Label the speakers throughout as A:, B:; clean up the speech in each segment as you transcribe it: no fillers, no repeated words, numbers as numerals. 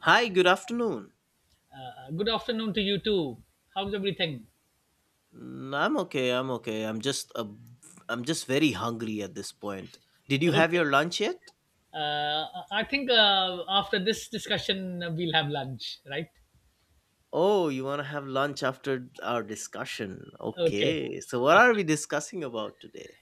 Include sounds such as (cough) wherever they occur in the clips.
A: Hi, good afternoon.
B: Good afternoon to you too. How's everything?
A: Mm, I'm okay. I'm okay. I'm just very hungry at this point. Did you have
B: Okay.
A: your lunch yet?
B: I think after this discussion, we'll have lunch, right?
A: Oh, you want to have lunch after our discussion.
B: Okay.
A: Okay. So what are we discussing about today?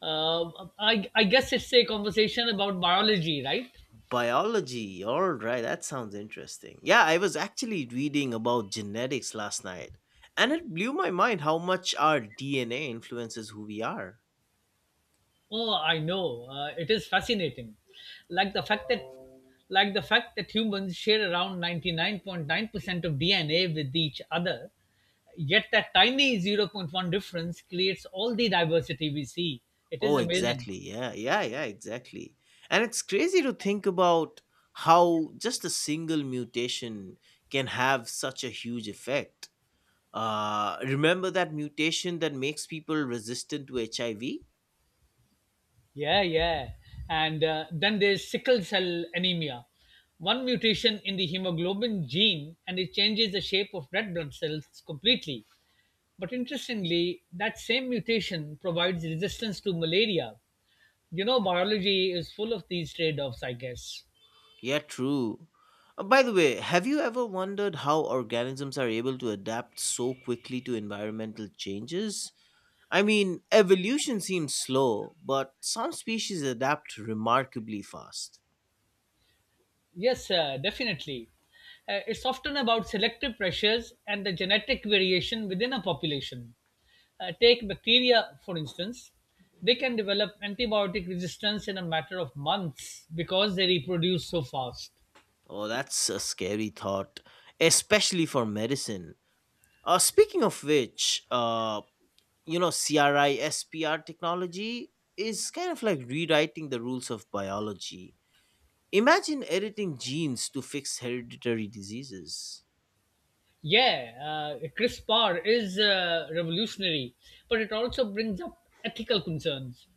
B: Uh, I guess it's a conversation about biology, right?
A: Biology. All right. That sounds interesting. Yeah, I was actually reading about genetics last night, and it blew my mind how much our DNA influences who we are.
B: Oh, I know. It is fascinating. Like the fact that like the fact that humans share around 99.9% of DNA with each other, yet that tiny zero point 0.1 difference creates all the diversity we see. It is
A: Oh,
B: amazing.
A: exactly. Yeah, yeah, yeah, exactly. And it's crazy to think about how just a single mutation can have such a huge effect. Remember that mutation that makes people resistant to HIV?
B: Yeah, yeah. And then there's sickle cell anemia. One mutation in the hemoglobin gene and it changes the shape of red blood cells completely. But interestingly, that same mutation provides resistance to malaria. You know, biology is full of these trade offs, I guess.
A: Yeah, true. By the way, have you ever wondered how organisms are able to adapt so quickly to environmental changes? I mean, evolution seems slow, but some species adapt remarkably fast.
B: Yes, definitely. It's often about selective pressures and the genetic variation within a population. Take bacteria, for instance. They can develop antibiotic resistance in a matter of months because they reproduce so fast.
A: Oh, that's a scary thought, especially for medicine. Speaking of which, CRISPR technology is kind of like rewriting the rules of biology. Imagine editing genes to fix hereditary diseases.
B: Yeah, CRISPR is revolutionary, but it also brings up ethical concerns.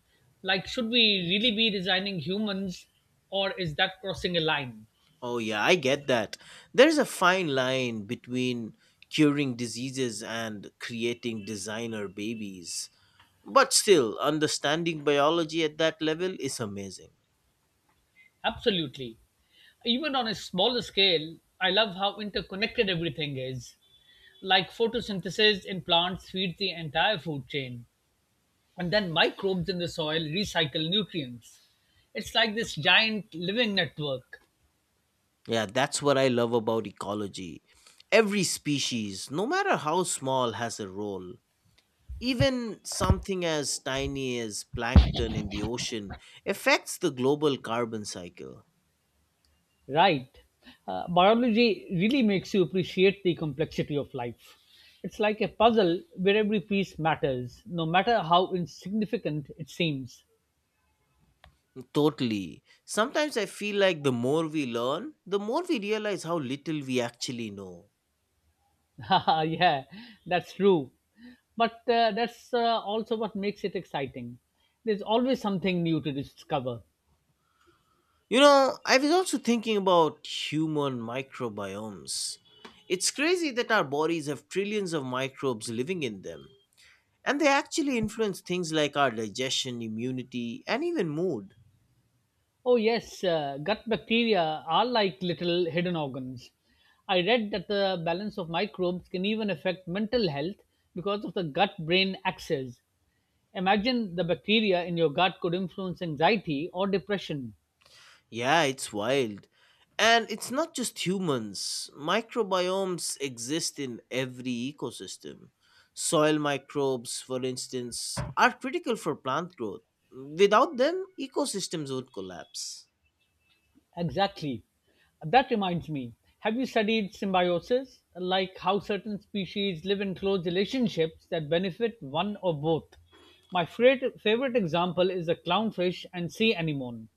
B: Like, should we really be designing humans or is that crossing a line?
A: Oh, yeah, I get that. There's a fine line between curing diseases and creating designer babies. But still, understanding biology at that level is amazing.
B: Absolutely. Even on a smaller scale, I love how interconnected everything is. Like photosynthesis in plants feeds the entire food chain, and then microbes in the soil recycle nutrients. It's like this giant living network.
A: Yeah, that's what I love about ecology. Every species, no matter how small, has a role. Even something as tiny as plankton in the ocean affects the global carbon cycle.
B: Right. Biology really makes you appreciate the complexity of life. It's like a puzzle where every piece matters, no matter how insignificant it seems.
A: Totally. Sometimes I feel like the more we learn, the more we realize how little we actually know.
B: (laughs) Yeah, that's true. But that's also what makes it exciting. There's always something new to discover.
A: You know, I was also thinking about human microbiomes. It's crazy that our bodies have trillions of microbes living in them, and they actually influence things like our digestion, immunity, and even mood.
B: Oh, yes, gut bacteria are like little hidden organs. I read that the balance of microbes can even affect mental health because of the gut brain axis. Imagine the bacteria in your gut could influence anxiety or depression.
A: Yeah, it's wild. And it's not just humans. Microbiomes exist in every ecosystem. Soil microbes, for instance, are critical for plant growth. Without them, ecosystems would collapse.
B: Exactly. That reminds me, have you studied symbiosis? Like how certain species live in close relationships that benefit one or both. My favorite, favorite example is the clownfish and sea anemone.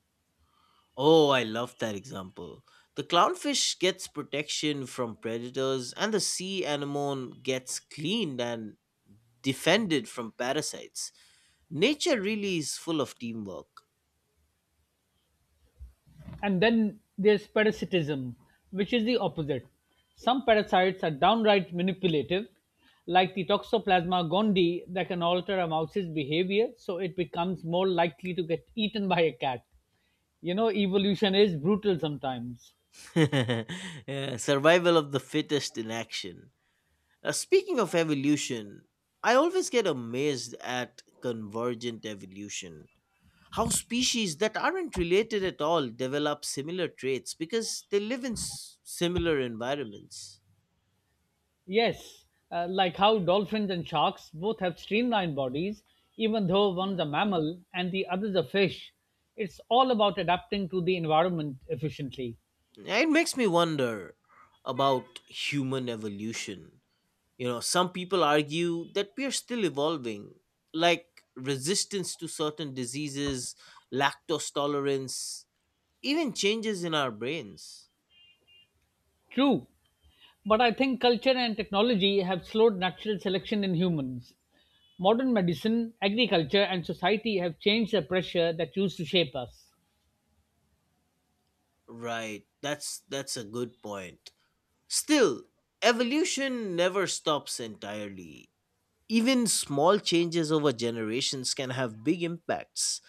A: Oh, I love that example. The clownfish gets protection from predators, and the sea anemone gets cleaned and defended from parasites. Nature really is full of teamwork.
B: And then there's parasitism, which is the opposite. Some parasites are downright manipulative, like the Toxoplasma gondii that can alter a mouse's behavior so it becomes more likely to get eaten by a cat. You know, evolution is brutal sometimes.
A: (laughs) Yeah, survival of the fittest in action. Speaking of evolution, I always get amazed at convergent evolution. How species that aren't related at all develop similar traits because they live in similar environments.
B: Yes, like how dolphins and sharks both have streamlined bodies, even though one's a mammal and the other's a fish. It's all about adapting to the environment efficiently.
A: Yeah, it makes me wonder about human evolution. You know, some people argue that we are still evolving, like resistance to certain diseases, lactose tolerance, even changes in our brains.
B: True, but I think culture and technology have slowed natural selection in humans. Modern medicine, agriculture, and society have changed the pressure that used to shape us.
A: Right, that's a good point. Still, evolution never stops entirely. Even small changes over generations can have big impacts,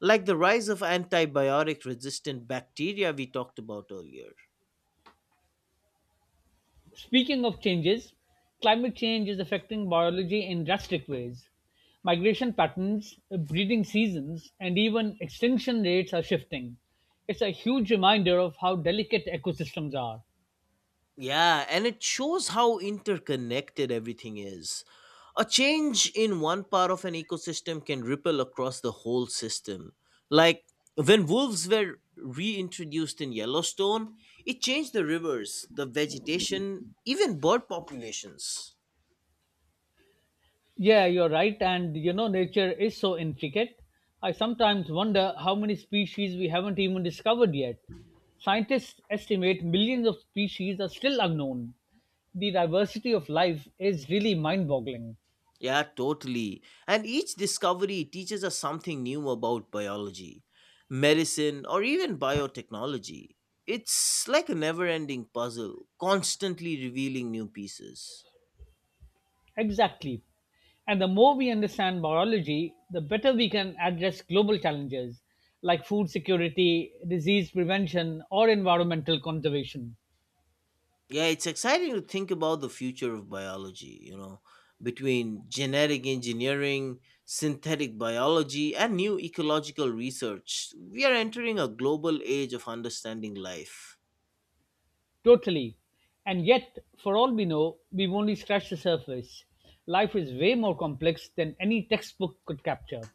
A: like the rise of antibiotic resistant bacteria we talked about earlier.
B: Speaking of changes, climate change is affecting biology in drastic ways. Migration patterns, breeding seasons, and even extinction rates are shifting. It's a huge reminder of how delicate ecosystems are.
A: Yeah, and it shows how interconnected everything is. A change in one part of an ecosystem can ripple across the whole system. Like when wolves were reintroduced in Yellowstone, it changed the rivers, the vegetation, even bird populations.
B: Yeah, you're right, and you know, nature is so intricate. I sometimes wonder how many species we haven't even discovered yet. Scientists estimate millions of species are still unknown. The diversity of life is really mind boggling.
A: Yeah, totally. And each discovery teaches us something new about biology, medicine, or even biotechnology. It's like a never ending puzzle, constantly revealing new pieces.
B: Exactly. And the more we understand biology, the better we can address global challenges like food security, disease prevention, or environmental conservation.
A: Yeah, it's exciting to think about the future of biology, between genetic engineering, synthetic biology, and new ecological research. We are entering a global age of understanding life.
B: Totally. And yet, for all we know, we've only scratched the surface. Life is way more complex than any textbook could capture.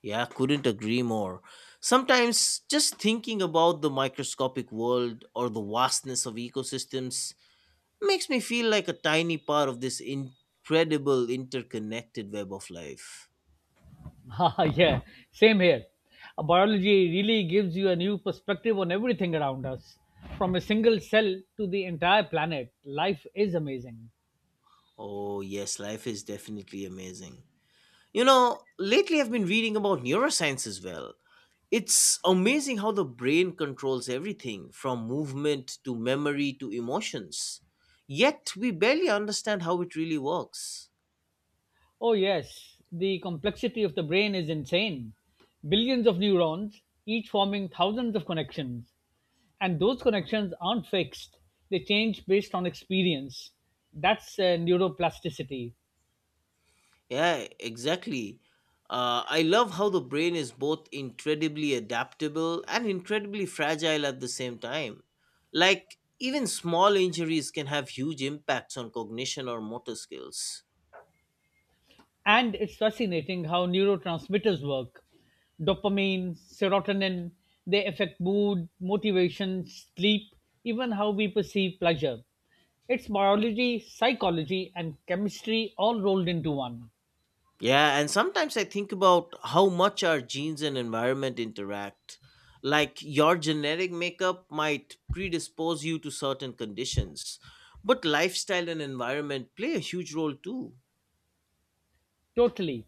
A: Yeah, couldn't agree more. Sometimes just thinking about the microscopic world or the vastness of ecosystems makes me feel like a tiny part of this incredible interconnected web of life.
B: (laughs) Haha, yeah, same here. Biology really gives you a new perspective on everything around us. From a single cell to the entire planet, life is amazing.
A: Oh, yes, life is definitely amazing. You know, lately I've been reading about neuroscience as well. It's amazing how the brain controls everything from movement to memory to emotions. Yet we barely understand how it really works.
B: Oh, yes, the complexity of the brain is insane. Billions of neurons, each forming thousands of connections. And those connections aren't fixed, they change based on experience. That's neuroplasticity.
A: Yeah, exactly. I love how the brain is both incredibly adaptable and incredibly fragile at the same time. Like, even small injuries can have huge impacts on cognition or motor skills.
B: And it's fascinating how neurotransmitters work. Dopamine, serotonin, they affect mood, motivation, sleep, even how we perceive pleasure. It's biology, psychology, and chemistry all rolled into one.
A: Yeah, and sometimes I think about how much our genes and environment interact. Like, your genetic makeup might predispose you to certain conditions, but lifestyle and environment play a huge role too.
B: Totally.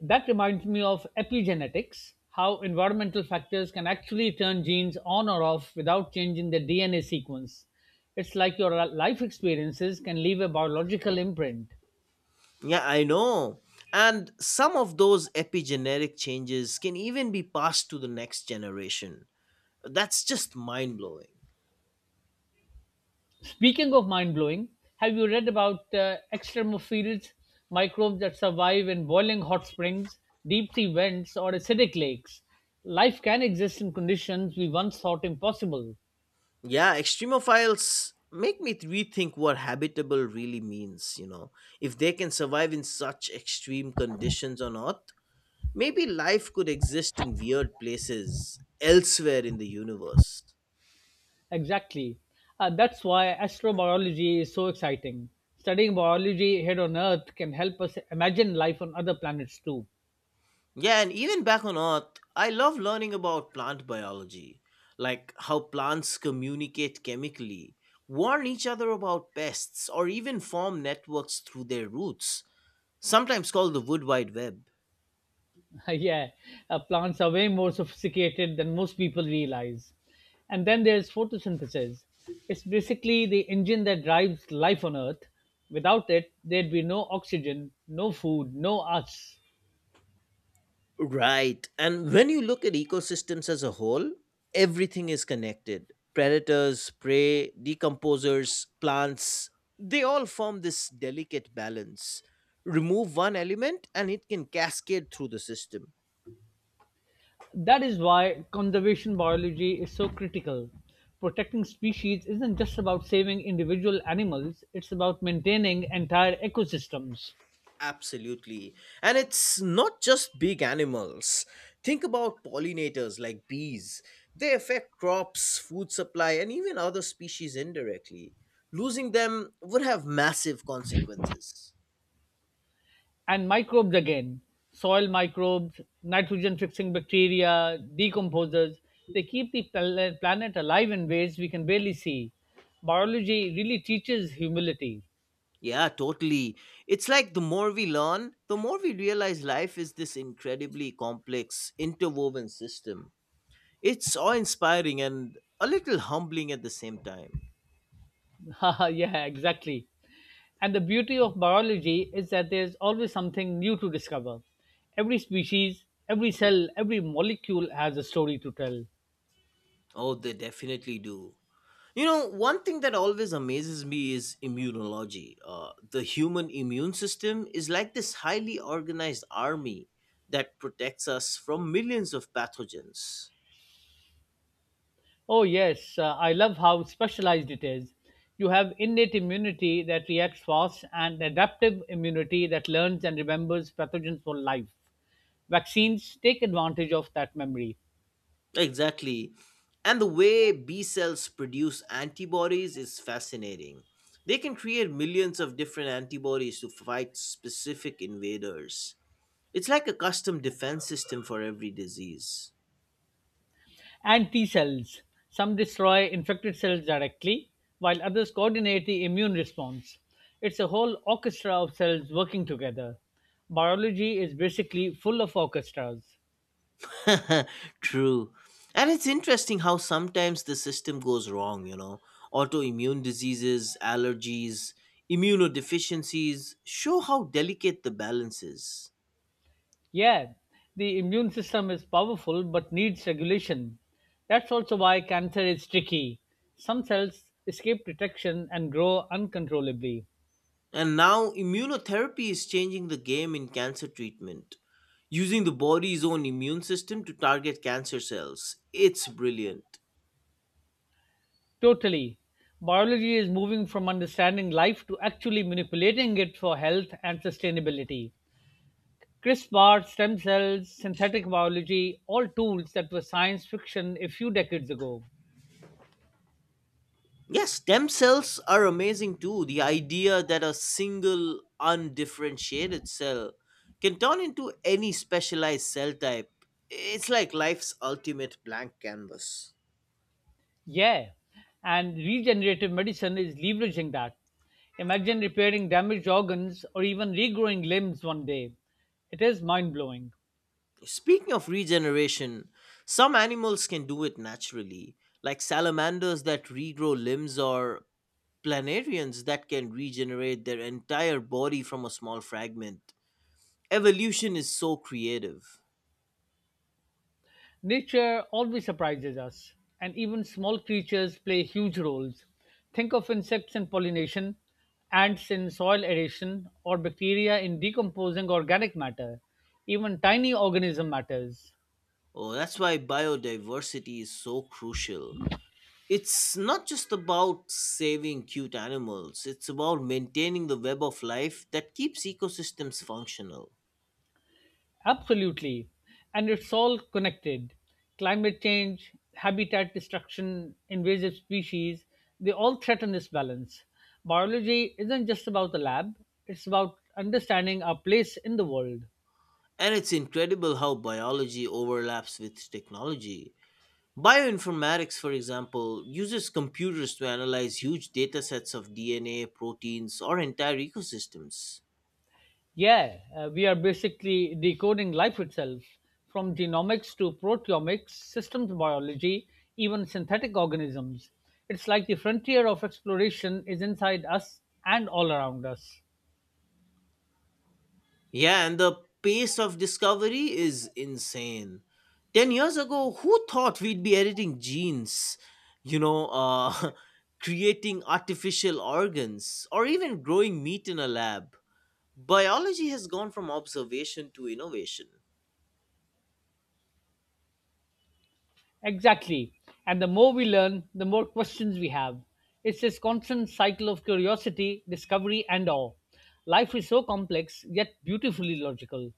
B: That reminds me of epigenetics, how environmental factors can actually turn genes on or off without changing their DNA sequence. It's like your life experiences can leave a biological imprint.
A: Yeah, I know. And some of those epigenetic changes can even be passed to the next generation. That's just mind blowing.
B: Speaking of mind blowing, have you read about extremophils, microbes that survive in boiling hot springs, deep sea vents, or acidic lakes? Life can exist in conditions we once thought impossible.
A: Yeah, extremophiles make me rethink what habitable really means, you know. If they can survive in such extreme conditions on Earth, maybe life could exist in weird places elsewhere in the universe.
B: Exactly. That's why astrobiology is so exciting. Studying biology here on Earth can help us imagine life on other planets too.
A: Yeah, and even back on Earth, I love learning about plant biology, like how plants communicate chemically, warn each other about pests, or even form networks through their roots, sometimes called the wood wide web.
B: (laughs) Yeah, plants are way more sophisticated than most people realize. And then there's photosynthesis. It's basically the engine that drives life on Earth. Without it, there'd be no oxygen, no food, no us.
A: Right, and when you look at ecosystems as a whole, everything is connected. Predators, prey, decomposers, plants, they all form this delicate balance. Remove one element and it can cascade through the system.
B: That is why conservation biology is so critical. Protecting species isn't just about saving individual animals, it's about maintaining entire ecosystems.
A: Absolutely. And it's not just big animals. Think about pollinators like bees. They affect crops, food supply, and even other species indirectly. Losing them would have massive consequences.
B: And microbes again, soil microbes, nitrogen fixing bacteria, decomposers, they keep the planet alive in ways we can barely see. Biology really teaches humility.
A: Yeah, totally. It's like the more we learn, the more we realize life is this incredibly complex, interwoven system. It's awe inspiring and a little humbling at the same time.
B: (laughs) Yeah, exactly. And the beauty of biology is that there's always something new to discover. Every species, every cell, every molecule has a story to tell.
A: Oh, they definitely do. You know, one thing that always amazes me is immunology. The human immune system is like this highly organized army that protects us from millions of pathogens.
B: Oh, yes, I love how specialized it is. You have innate immunity that reacts fast and adaptive immunity that learns and remembers pathogens for life. Vaccines take advantage of that memory.
A: Exactly. And the way B cells produce antibodies is fascinating. They can create millions of different antibodies to fight specific invaders. It's like a custom defense system for every disease.
B: And T cells. Some destroy infected cells directly, while others coordinate the immune response. It's a whole orchestra of cells working together. Biology is basically full of orchestras.
A: (laughs) True. And it's interesting how sometimes the system goes wrong, you know. Autoimmune diseases, allergies, immunodeficiencies show how delicate the balance is.
B: Yeah, the immune system is powerful but needs regulation. That's also why cancer is tricky. Some cells escape detection and grow uncontrollably.
A: And now immunotherapy is changing the game in cancer treatment, using the body's own immune system to target cancer cells. It's brilliant.
B: Totally. Biology is moving from understanding life to actually manipulating it for health and sustainability. CRISPR, stem cells, synthetic biology, all tools that were science fiction a few decades ago.
A: Yes, stem cells are amazing too. The idea that a single undifferentiated cell can turn into any specialized cell type, it's like life's ultimate blank canvas.
B: Yeah, and regenerative medicine is leveraging that. Imagine repairing damaged organs or even regrowing limbs one day. It is mind blowing.
A: Speaking of regeneration, some animals can do it naturally, like salamanders that regrow limbs or planarians that can regenerate their entire body from a small fragment. Evolution is so creative.
B: Nature always surprises us, and even small creatures play huge roles. Think of insects in pollination, ants in soil aeration, or bacteria in decomposing organic matter. Even tiny organism matters.
A: Oh, that's why biodiversity is so crucial. It's not just about saving cute animals, it's about maintaining the web of life that keeps ecosystems functional.
B: Absolutely. And it's all connected. Climate change, habitat destruction, invasive species, they all threaten this balance. Biology isn't just about the lab, it's about understanding our place in the world.
A: And it's incredible how biology overlaps with technology. Bioinformatics, for example, uses computers to analyze huge datasets of DNA, proteins, or entire ecosystems.
B: Yeah, we are basically decoding life itself from genomics to proteomics, systems biology, even synthetic organisms. It's like the frontier of exploration is inside us and all around us.
A: Yeah, and the pace of discovery is insane. 10 years ago, who thought we'd be editing genes, you know, uh, (laughs) creating artificial organs, or even growing meat in a lab? Biology has gone from observation to innovation.
B: Exactly. And the more we learn, the more questions we have. It's this constant cycle of curiosity, discovery, and awe. Life is so complex, yet beautifully logical.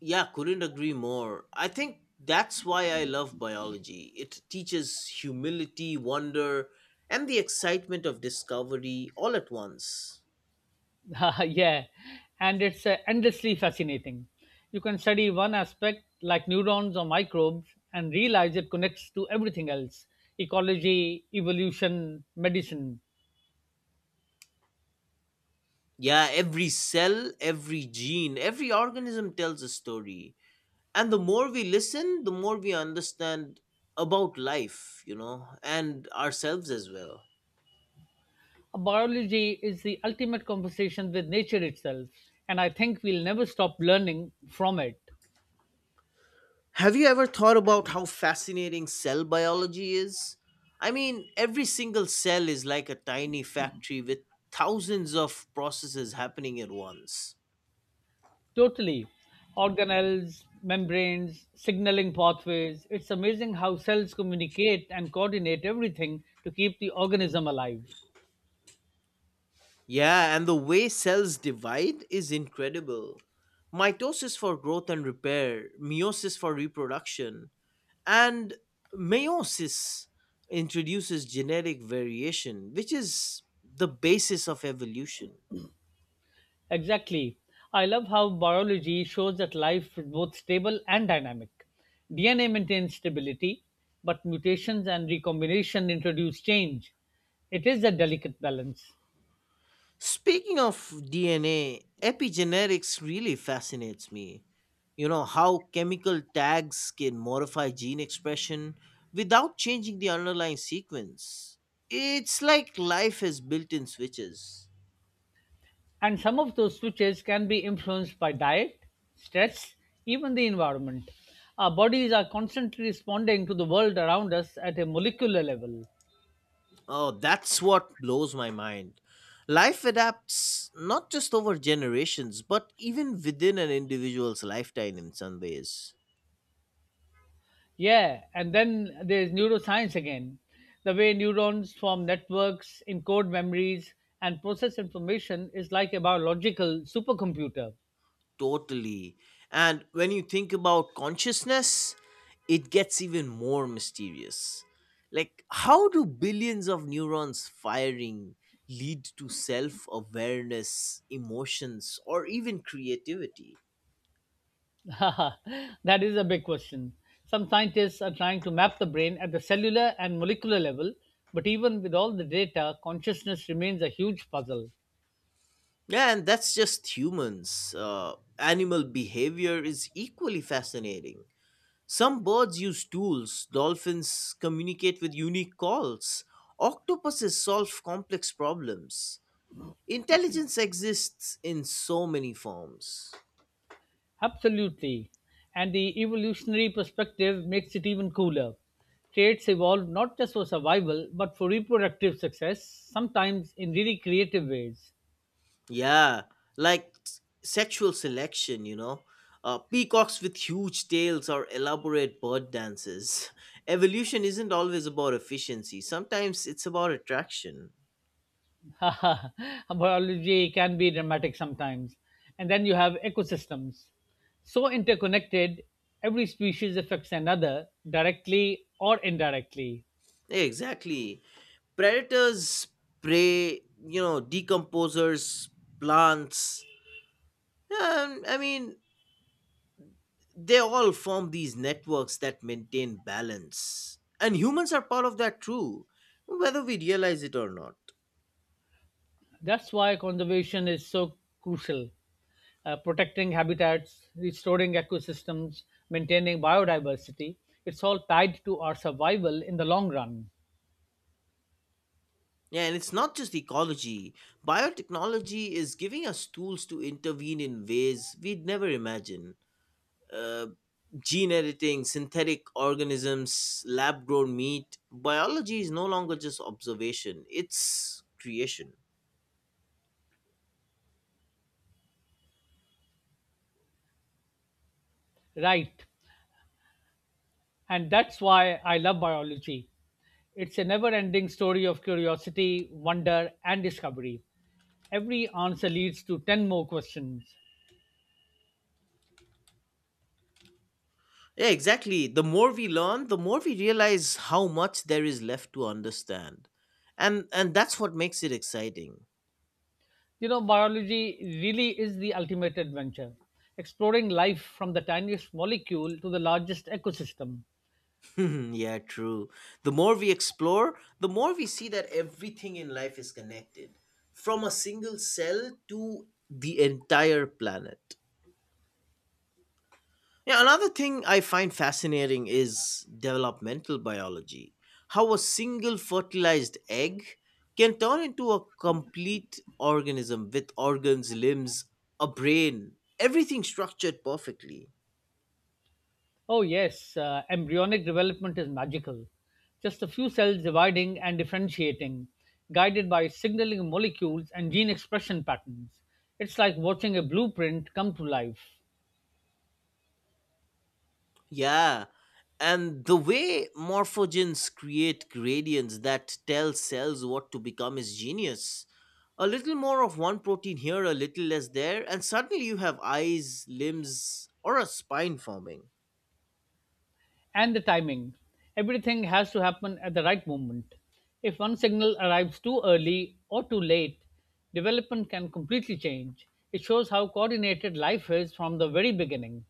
A: Yeah, couldn't agree more. I think that's why I love biology. It teaches humility, wonder, and the excitement of discovery all at once.
B: (laughs) Yeah. And it's endlessly fascinating. You can study one aspect, like neurons or microbes, and realize it connects to everything else, ecology, evolution, medicine.
A: Yeah, every cell, every gene, every organism tells a story. And the more we listen, the more we understand about life, and ourselves as well.
B: Biology is the ultimate conversation with nature itself, and I think we'll never stop learning from it.
A: Have you ever thought about how fascinating cell biology is? I mean, every single cell is like a tiny factory with thousands of processes happening at once.
B: Totally. Organelles, membranes, signaling pathways. It's amazing how cells communicate and coordinate everything to keep the organism alive.
A: Yeah, and the way cells divide is incredible. Mitosis for growth and repair, meiosis for reproduction, And meiosis introduces genetic variation, which is the basis of evolution.
B: Exactly. I love how biology shows that life is both stable and dynamic. DNA maintains stability, but mutations and recombination introduce change. It is a delicate balance.
A: Speaking of DNA, epigenetics really fascinates me. You know, how chemical tags can modify gene expression without changing the underlying sequence. It's like life has built in switches.
B: And some of those switches can be influenced by diet, stress, even the environment. Our bodies are constantly responding to the world around us at a molecular level.
A: Oh, that's what blows my mind. Life adapts not just over generations, but even within an individual's lifetime in some ways.
B: Yeah, and then there's neuroscience again. The way neurons form networks, encode memories, and process information is like a biological supercomputer.
A: Totally. And when you think about consciousness, it gets even more mysterious. Like, how do billions of neurons firing lead to self awareness, emotions, or even creativity?
B: (laughs) That is a big question. Some scientists are trying to map the brain at the cellular and molecular level, but even with all the data, consciousness remains a huge puzzle.
A: Yeah, and that's just humans. Animal behavior is equally fascinating. Some birds use tools, dolphins communicate with unique calls, octopuses solve complex problems. Intelligence exists in so many forms.
B: Absolutely. And the evolutionary perspective makes it even cooler. Traits evolve not just for survival, but for reproductive success, sometimes in really creative ways.
A: Yeah, like sexual selection, you know. Peacocks with huge tails or elaborate bird dances. (laughs) Evolution isn't always about efficiency, sometimes it's about attraction.
B: (laughs) Biology can be dramatic sometimes. And then you have ecosystems. So interconnected, every species affects another directly or indirectly.
A: Exactly. Predators prey, you know, decomposers, plants. Um, I mean, they all form these networks that maintain balance. And humans are part of that too, whether we realize it or not.
B: That's why conservation is so crucial. Protecting habitats, restoring ecosystems, maintaining biodiversity, it's all tied to our survival in the long run.
A: Yeah, and it's not just ecology. Biotechnology is giving us tools to intervene in ways we'd never imagine. uh, Gene editing, synthetic organisms, lab grown meat. Biology is no longer just observation, it's creation.
B: Right. And that's why I love biology. It's a never ending story of curiosity, wonder, and discovery. Every answer leads to 10 more questions.
A: Yeah, exactly. The more we learn, the more we realize how much there is left to understand. And that's what makes it exciting.
B: You know, biology really is the ultimate adventure, exploring life from the tiniest molecule to the largest ecosystem.
A: (laughs) Yeah, true. The more we explore, the more we see that everything in life is connected, from a single cell to the entire planet. Yeah, another thing I find fascinating is developmental biology. How a single fertilized egg can turn into a complete organism with organs, limbs, a brain, everything structured perfectly.
B: Oh, yes, embryonic development is magical. Just a few cells dividing and differentiating, guided by signaling molecules and gene expression patterns. It's like watching a blueprint come to life.
A: Yeah, and the way morphogens create gradients that tell cells what to become is genius. A little more of one protein here, a little less there, and suddenly you have eyes, limbs, or a spine forming.
B: And the timing. Everything has to happen at the right moment. If one signal arrives too early or too late, development can completely change. It shows how coordinated life is from the very beginning.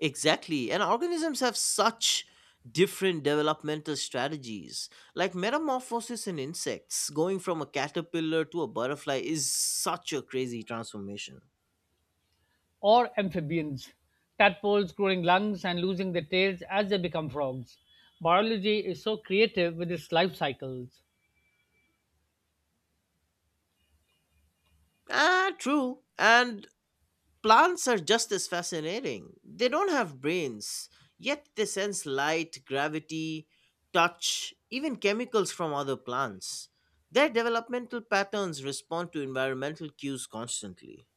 A: Exactly. And organisms have such different developmental strategies. Like metamorphosis in insects, going from a caterpillar to a butterfly is such a crazy transformation.
B: Or amphibians, tadpoles growing lungs and losing their tails as they become frogs. Biology is so creative with its life cycles.
A: Ah, true. And plants are just as fascinating. They don't have brains, yet they sense light, gravity, touch, even chemicals from other plants. Their developmental patterns respond to environmental cues constantly.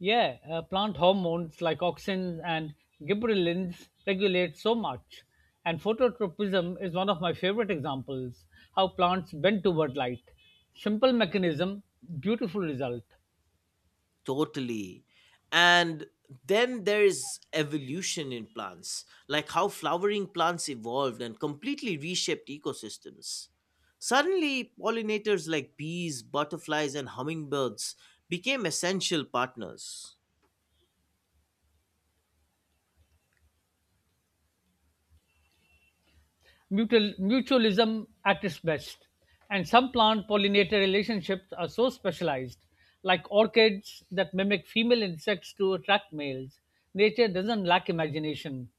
B: Yeah, plant hormones like auxins and gibberellins regulate so much. And phototropism is one of my favorite examples, how plants bend toward light. Simple mechanism, beautiful result.
A: Totally. And then there's evolution in plants, like how flowering plants evolved and completely reshaped ecosystems. Suddenly, pollinators like bees, butterflies, and hummingbirds became essential partners.
B: Mutualism at its best. And some plant pollinator relationships are so specialized, like orchids that mimic female insects to attract males. Nature doesn't lack imagination.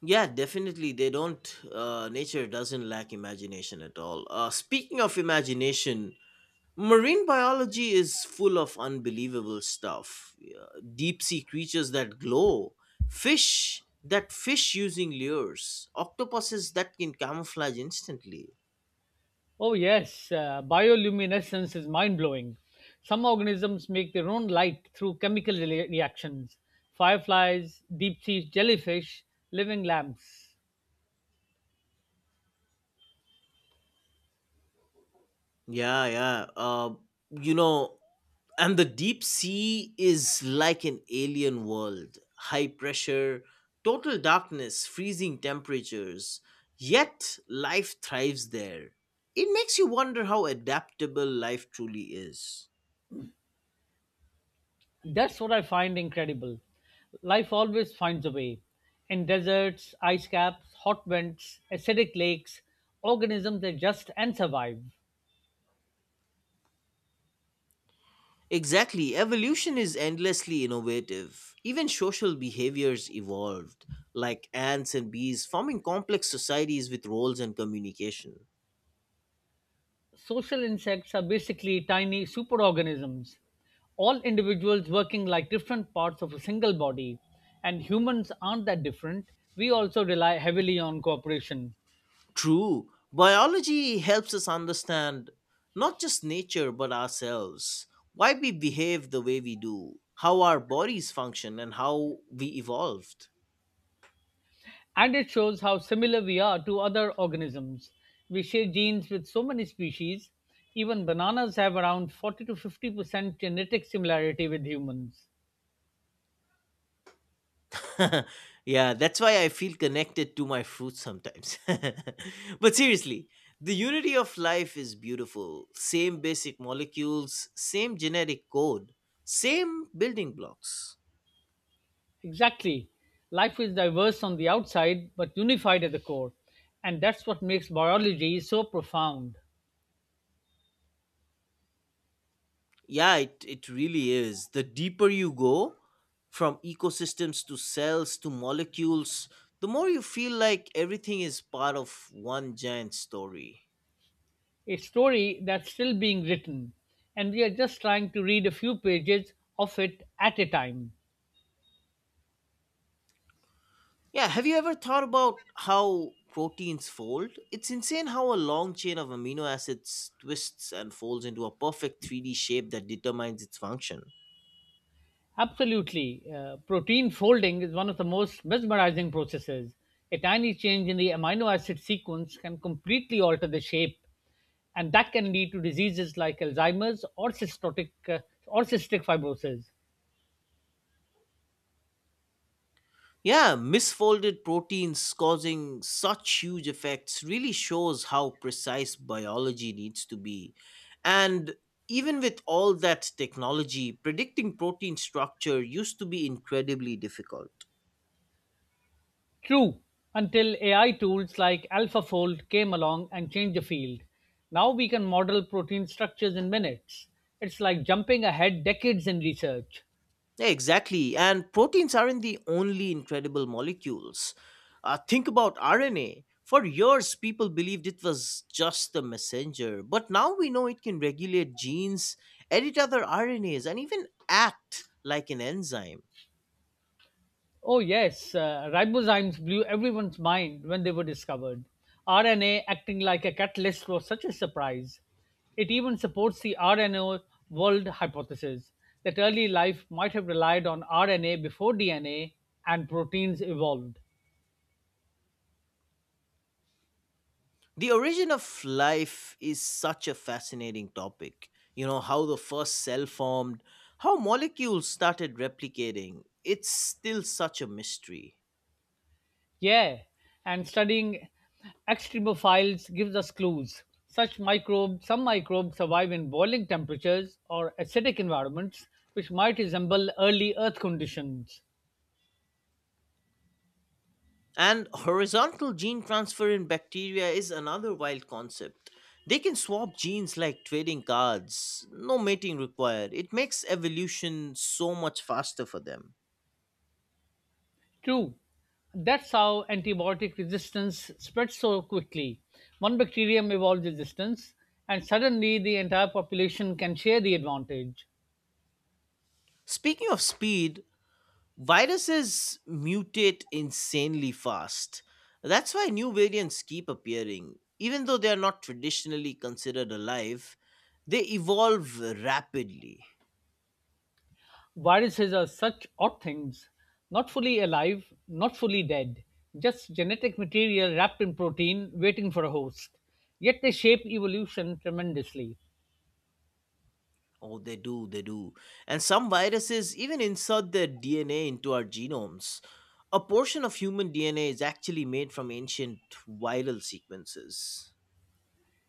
A: Yeah, definitely. They don't, Nature doesn't lack imagination at all. Speaking of imagination, marine biology is full of unbelievable stuff. Yeah, deep sea creatures that glow, fish that fish using lures, octopuses that can camouflage instantly.
B: Oh, yes, bioluminescence is mind blowing. Some organisms make their own light through chemical reactions. Fireflies, deep sea jellyfish, living lamps.
A: Yeah. you know, and the deep sea is like an alien world. High pressure, total darkness, freezing temperatures. Yet life thrives there. It makes you wonder how adaptable life truly is.
B: That's what I find incredible. Life always finds a way. In deserts, ice caps, hot vents, acidic lakes, organisms adjust and survive.
A: Exactly. Evolution is endlessly innovative. Even social behaviors evolved, like ants and bees forming complex societies with roles and communication.
B: Social insects are basically tiny superorganisms, all individuals working like different parts of a single body. And humans aren't that different. We also rely heavily on cooperation.
A: True, biology helps us understand not just nature but ourselves, why we behave the way we do, how our bodies function, and how we evolved.
B: And it shows how similar we are to other organisms. We share genes with so many species. Even bananas have around 40 to 50% genetic similarity with humans.
A: (laughs) Yeah, that's why I feel connected to my fruit sometimes. (laughs) But seriously, the unity of life is beautiful. Same basic molecules, same genetic code, same building blocks.
B: Exactly. Life is diverse on the outside, but unified at the core. And that's what makes biology so profound.
A: Yeah, it really is. The deeper you go, from ecosystems to cells to molecules, the more you feel like everything is part of one giant story.
B: A story that's still being written, and we are just trying to read a few pages of it at a time.
A: Yeah, have you ever thought about how proteins fold? It's insane how a long chain of amino acids twists and folds into a perfect 3D shape that determines its function.
B: Absolutely. Protein folding is one of the most mesmerizing processes. A tiny change in the amino acid sequence can completely alter the shape, and that can lead to diseases like Alzheimer's or cystic fibrosis.
A: Yeah, misfolded proteins causing such huge effects really shows how precise biology needs to be. And even with all that technology, predicting protein structure used to be incredibly difficult.
B: True, until AI tools like AlphaFold came along and changed the field. Now we can model protein structures in minutes. It's like jumping ahead decades in research.
A: Yeah, exactly. And proteins aren't the only incredible molecules. Think about RNA. For years, people believed it was just the messenger, but now we know it can regulate genes, edit other RNAs, and even act like an enzyme.
B: Oh, yes, ribozymes blew everyone's mind when they were discovered. RNA acting like a catalyst was such a surprise. It even supports the RNA world hypothesis that early life might have relied on RNA before DNA and proteins evolved.
A: The origin of life is such a fascinating topic. You know, how the first cell formed, how molecules started replicating. It's still such a mystery.
B: Yeah, and studying extremophiles gives us clues. Some microbes survive in boiling temperatures or acidic environments, which might resemble early Earth conditions.
A: And horizontal gene transfer in bacteria is another wild concept. They can swap genes like trading cards, no mating required. It makes evolution so much faster for them.
B: True, that's how antibiotic resistance spreads so quickly. One bacterium evolves resistance, and suddenly the entire population can share the advantage.
A: Speaking of speed, viruses mutate insanely fast. That's why new variants keep appearing. Even though they are not traditionally considered alive, they evolve rapidly.
B: Viruses are such odd things, not fully alive, not fully dead, just genetic material wrapped in protein waiting for a host. Yet they shape evolution tremendously.
A: Oh, they do. And some viruses even insert their DNA into our genomes. A portion of human DNA is actually made from ancient viral sequences.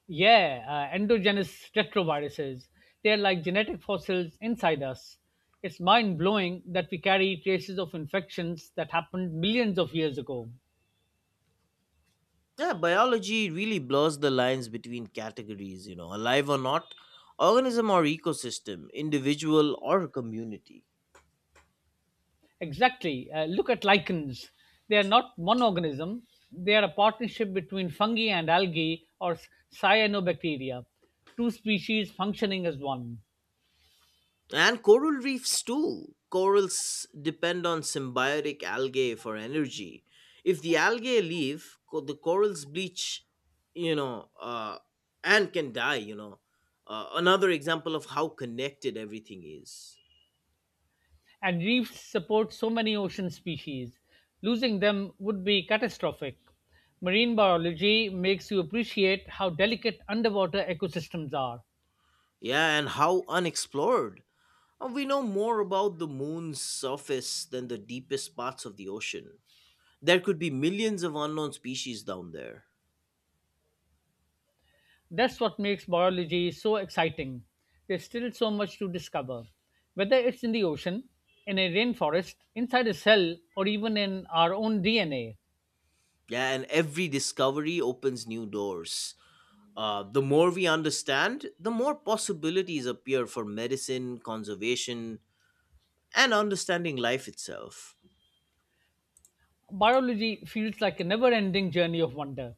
B: Yeah, endogenous retroviruses. They're like genetic fossils inside us. It's mind blowing that we carry traces of infections that happened millions of years ago.
A: Yeah, biology really blurs the lines between categories, you know, alive or not, organism or ecosystem, individual or community.
B: Exactly. Look at lichens. They are not one organism, they are a partnership between fungi and algae or cyanobacteria, two species functioning as one.
A: And coral reefs too. Corals depend on symbiotic algae for energy. If the algae leave, the corals bleach, you know, uh, and can die. Another example of how connected everything is.
B: And reefs support so many ocean species. Losing them would be catastrophic. Marine biology makes you appreciate how delicate underwater ecosystems are.
A: Yeah, and how unexplored. We know more about the moon's surface than the deepest parts of the ocean. There could be millions of unknown species down there.
B: That's what makes biology so exciting. There's still so much to discover. Whether it's in the ocean, in a rainforest, inside a cell, or even in our own DNA,
A: Yeah, and every discovery opens new doors. The more we understand, the more possibilities appear for medicine, conservation, and understanding life itself.
B: biology feels like a never ending journey of wonder.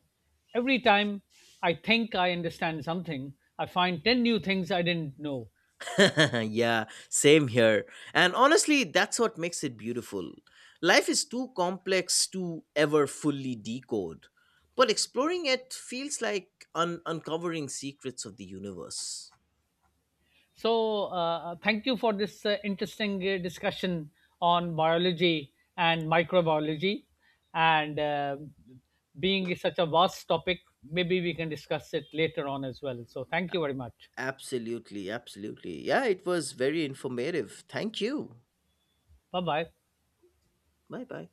B: Every time I think I understand something, I find 10 new things I didn't know.
A: (laughs) Yeah, same here. And honestly, that's what makes it beautiful. Life is too complex to ever fully decode, but exploring it feels like uncovering secrets of the universe.
B: So, thank you for this interesting discussion on biology and microbiology. And being such a vast topic, maybe we can discuss it later on as well. So, thank you very much.
A: Absolutely, absolutely. Yeah, it was very informative. Thank you.
B: Bye bye.
A: Bye bye.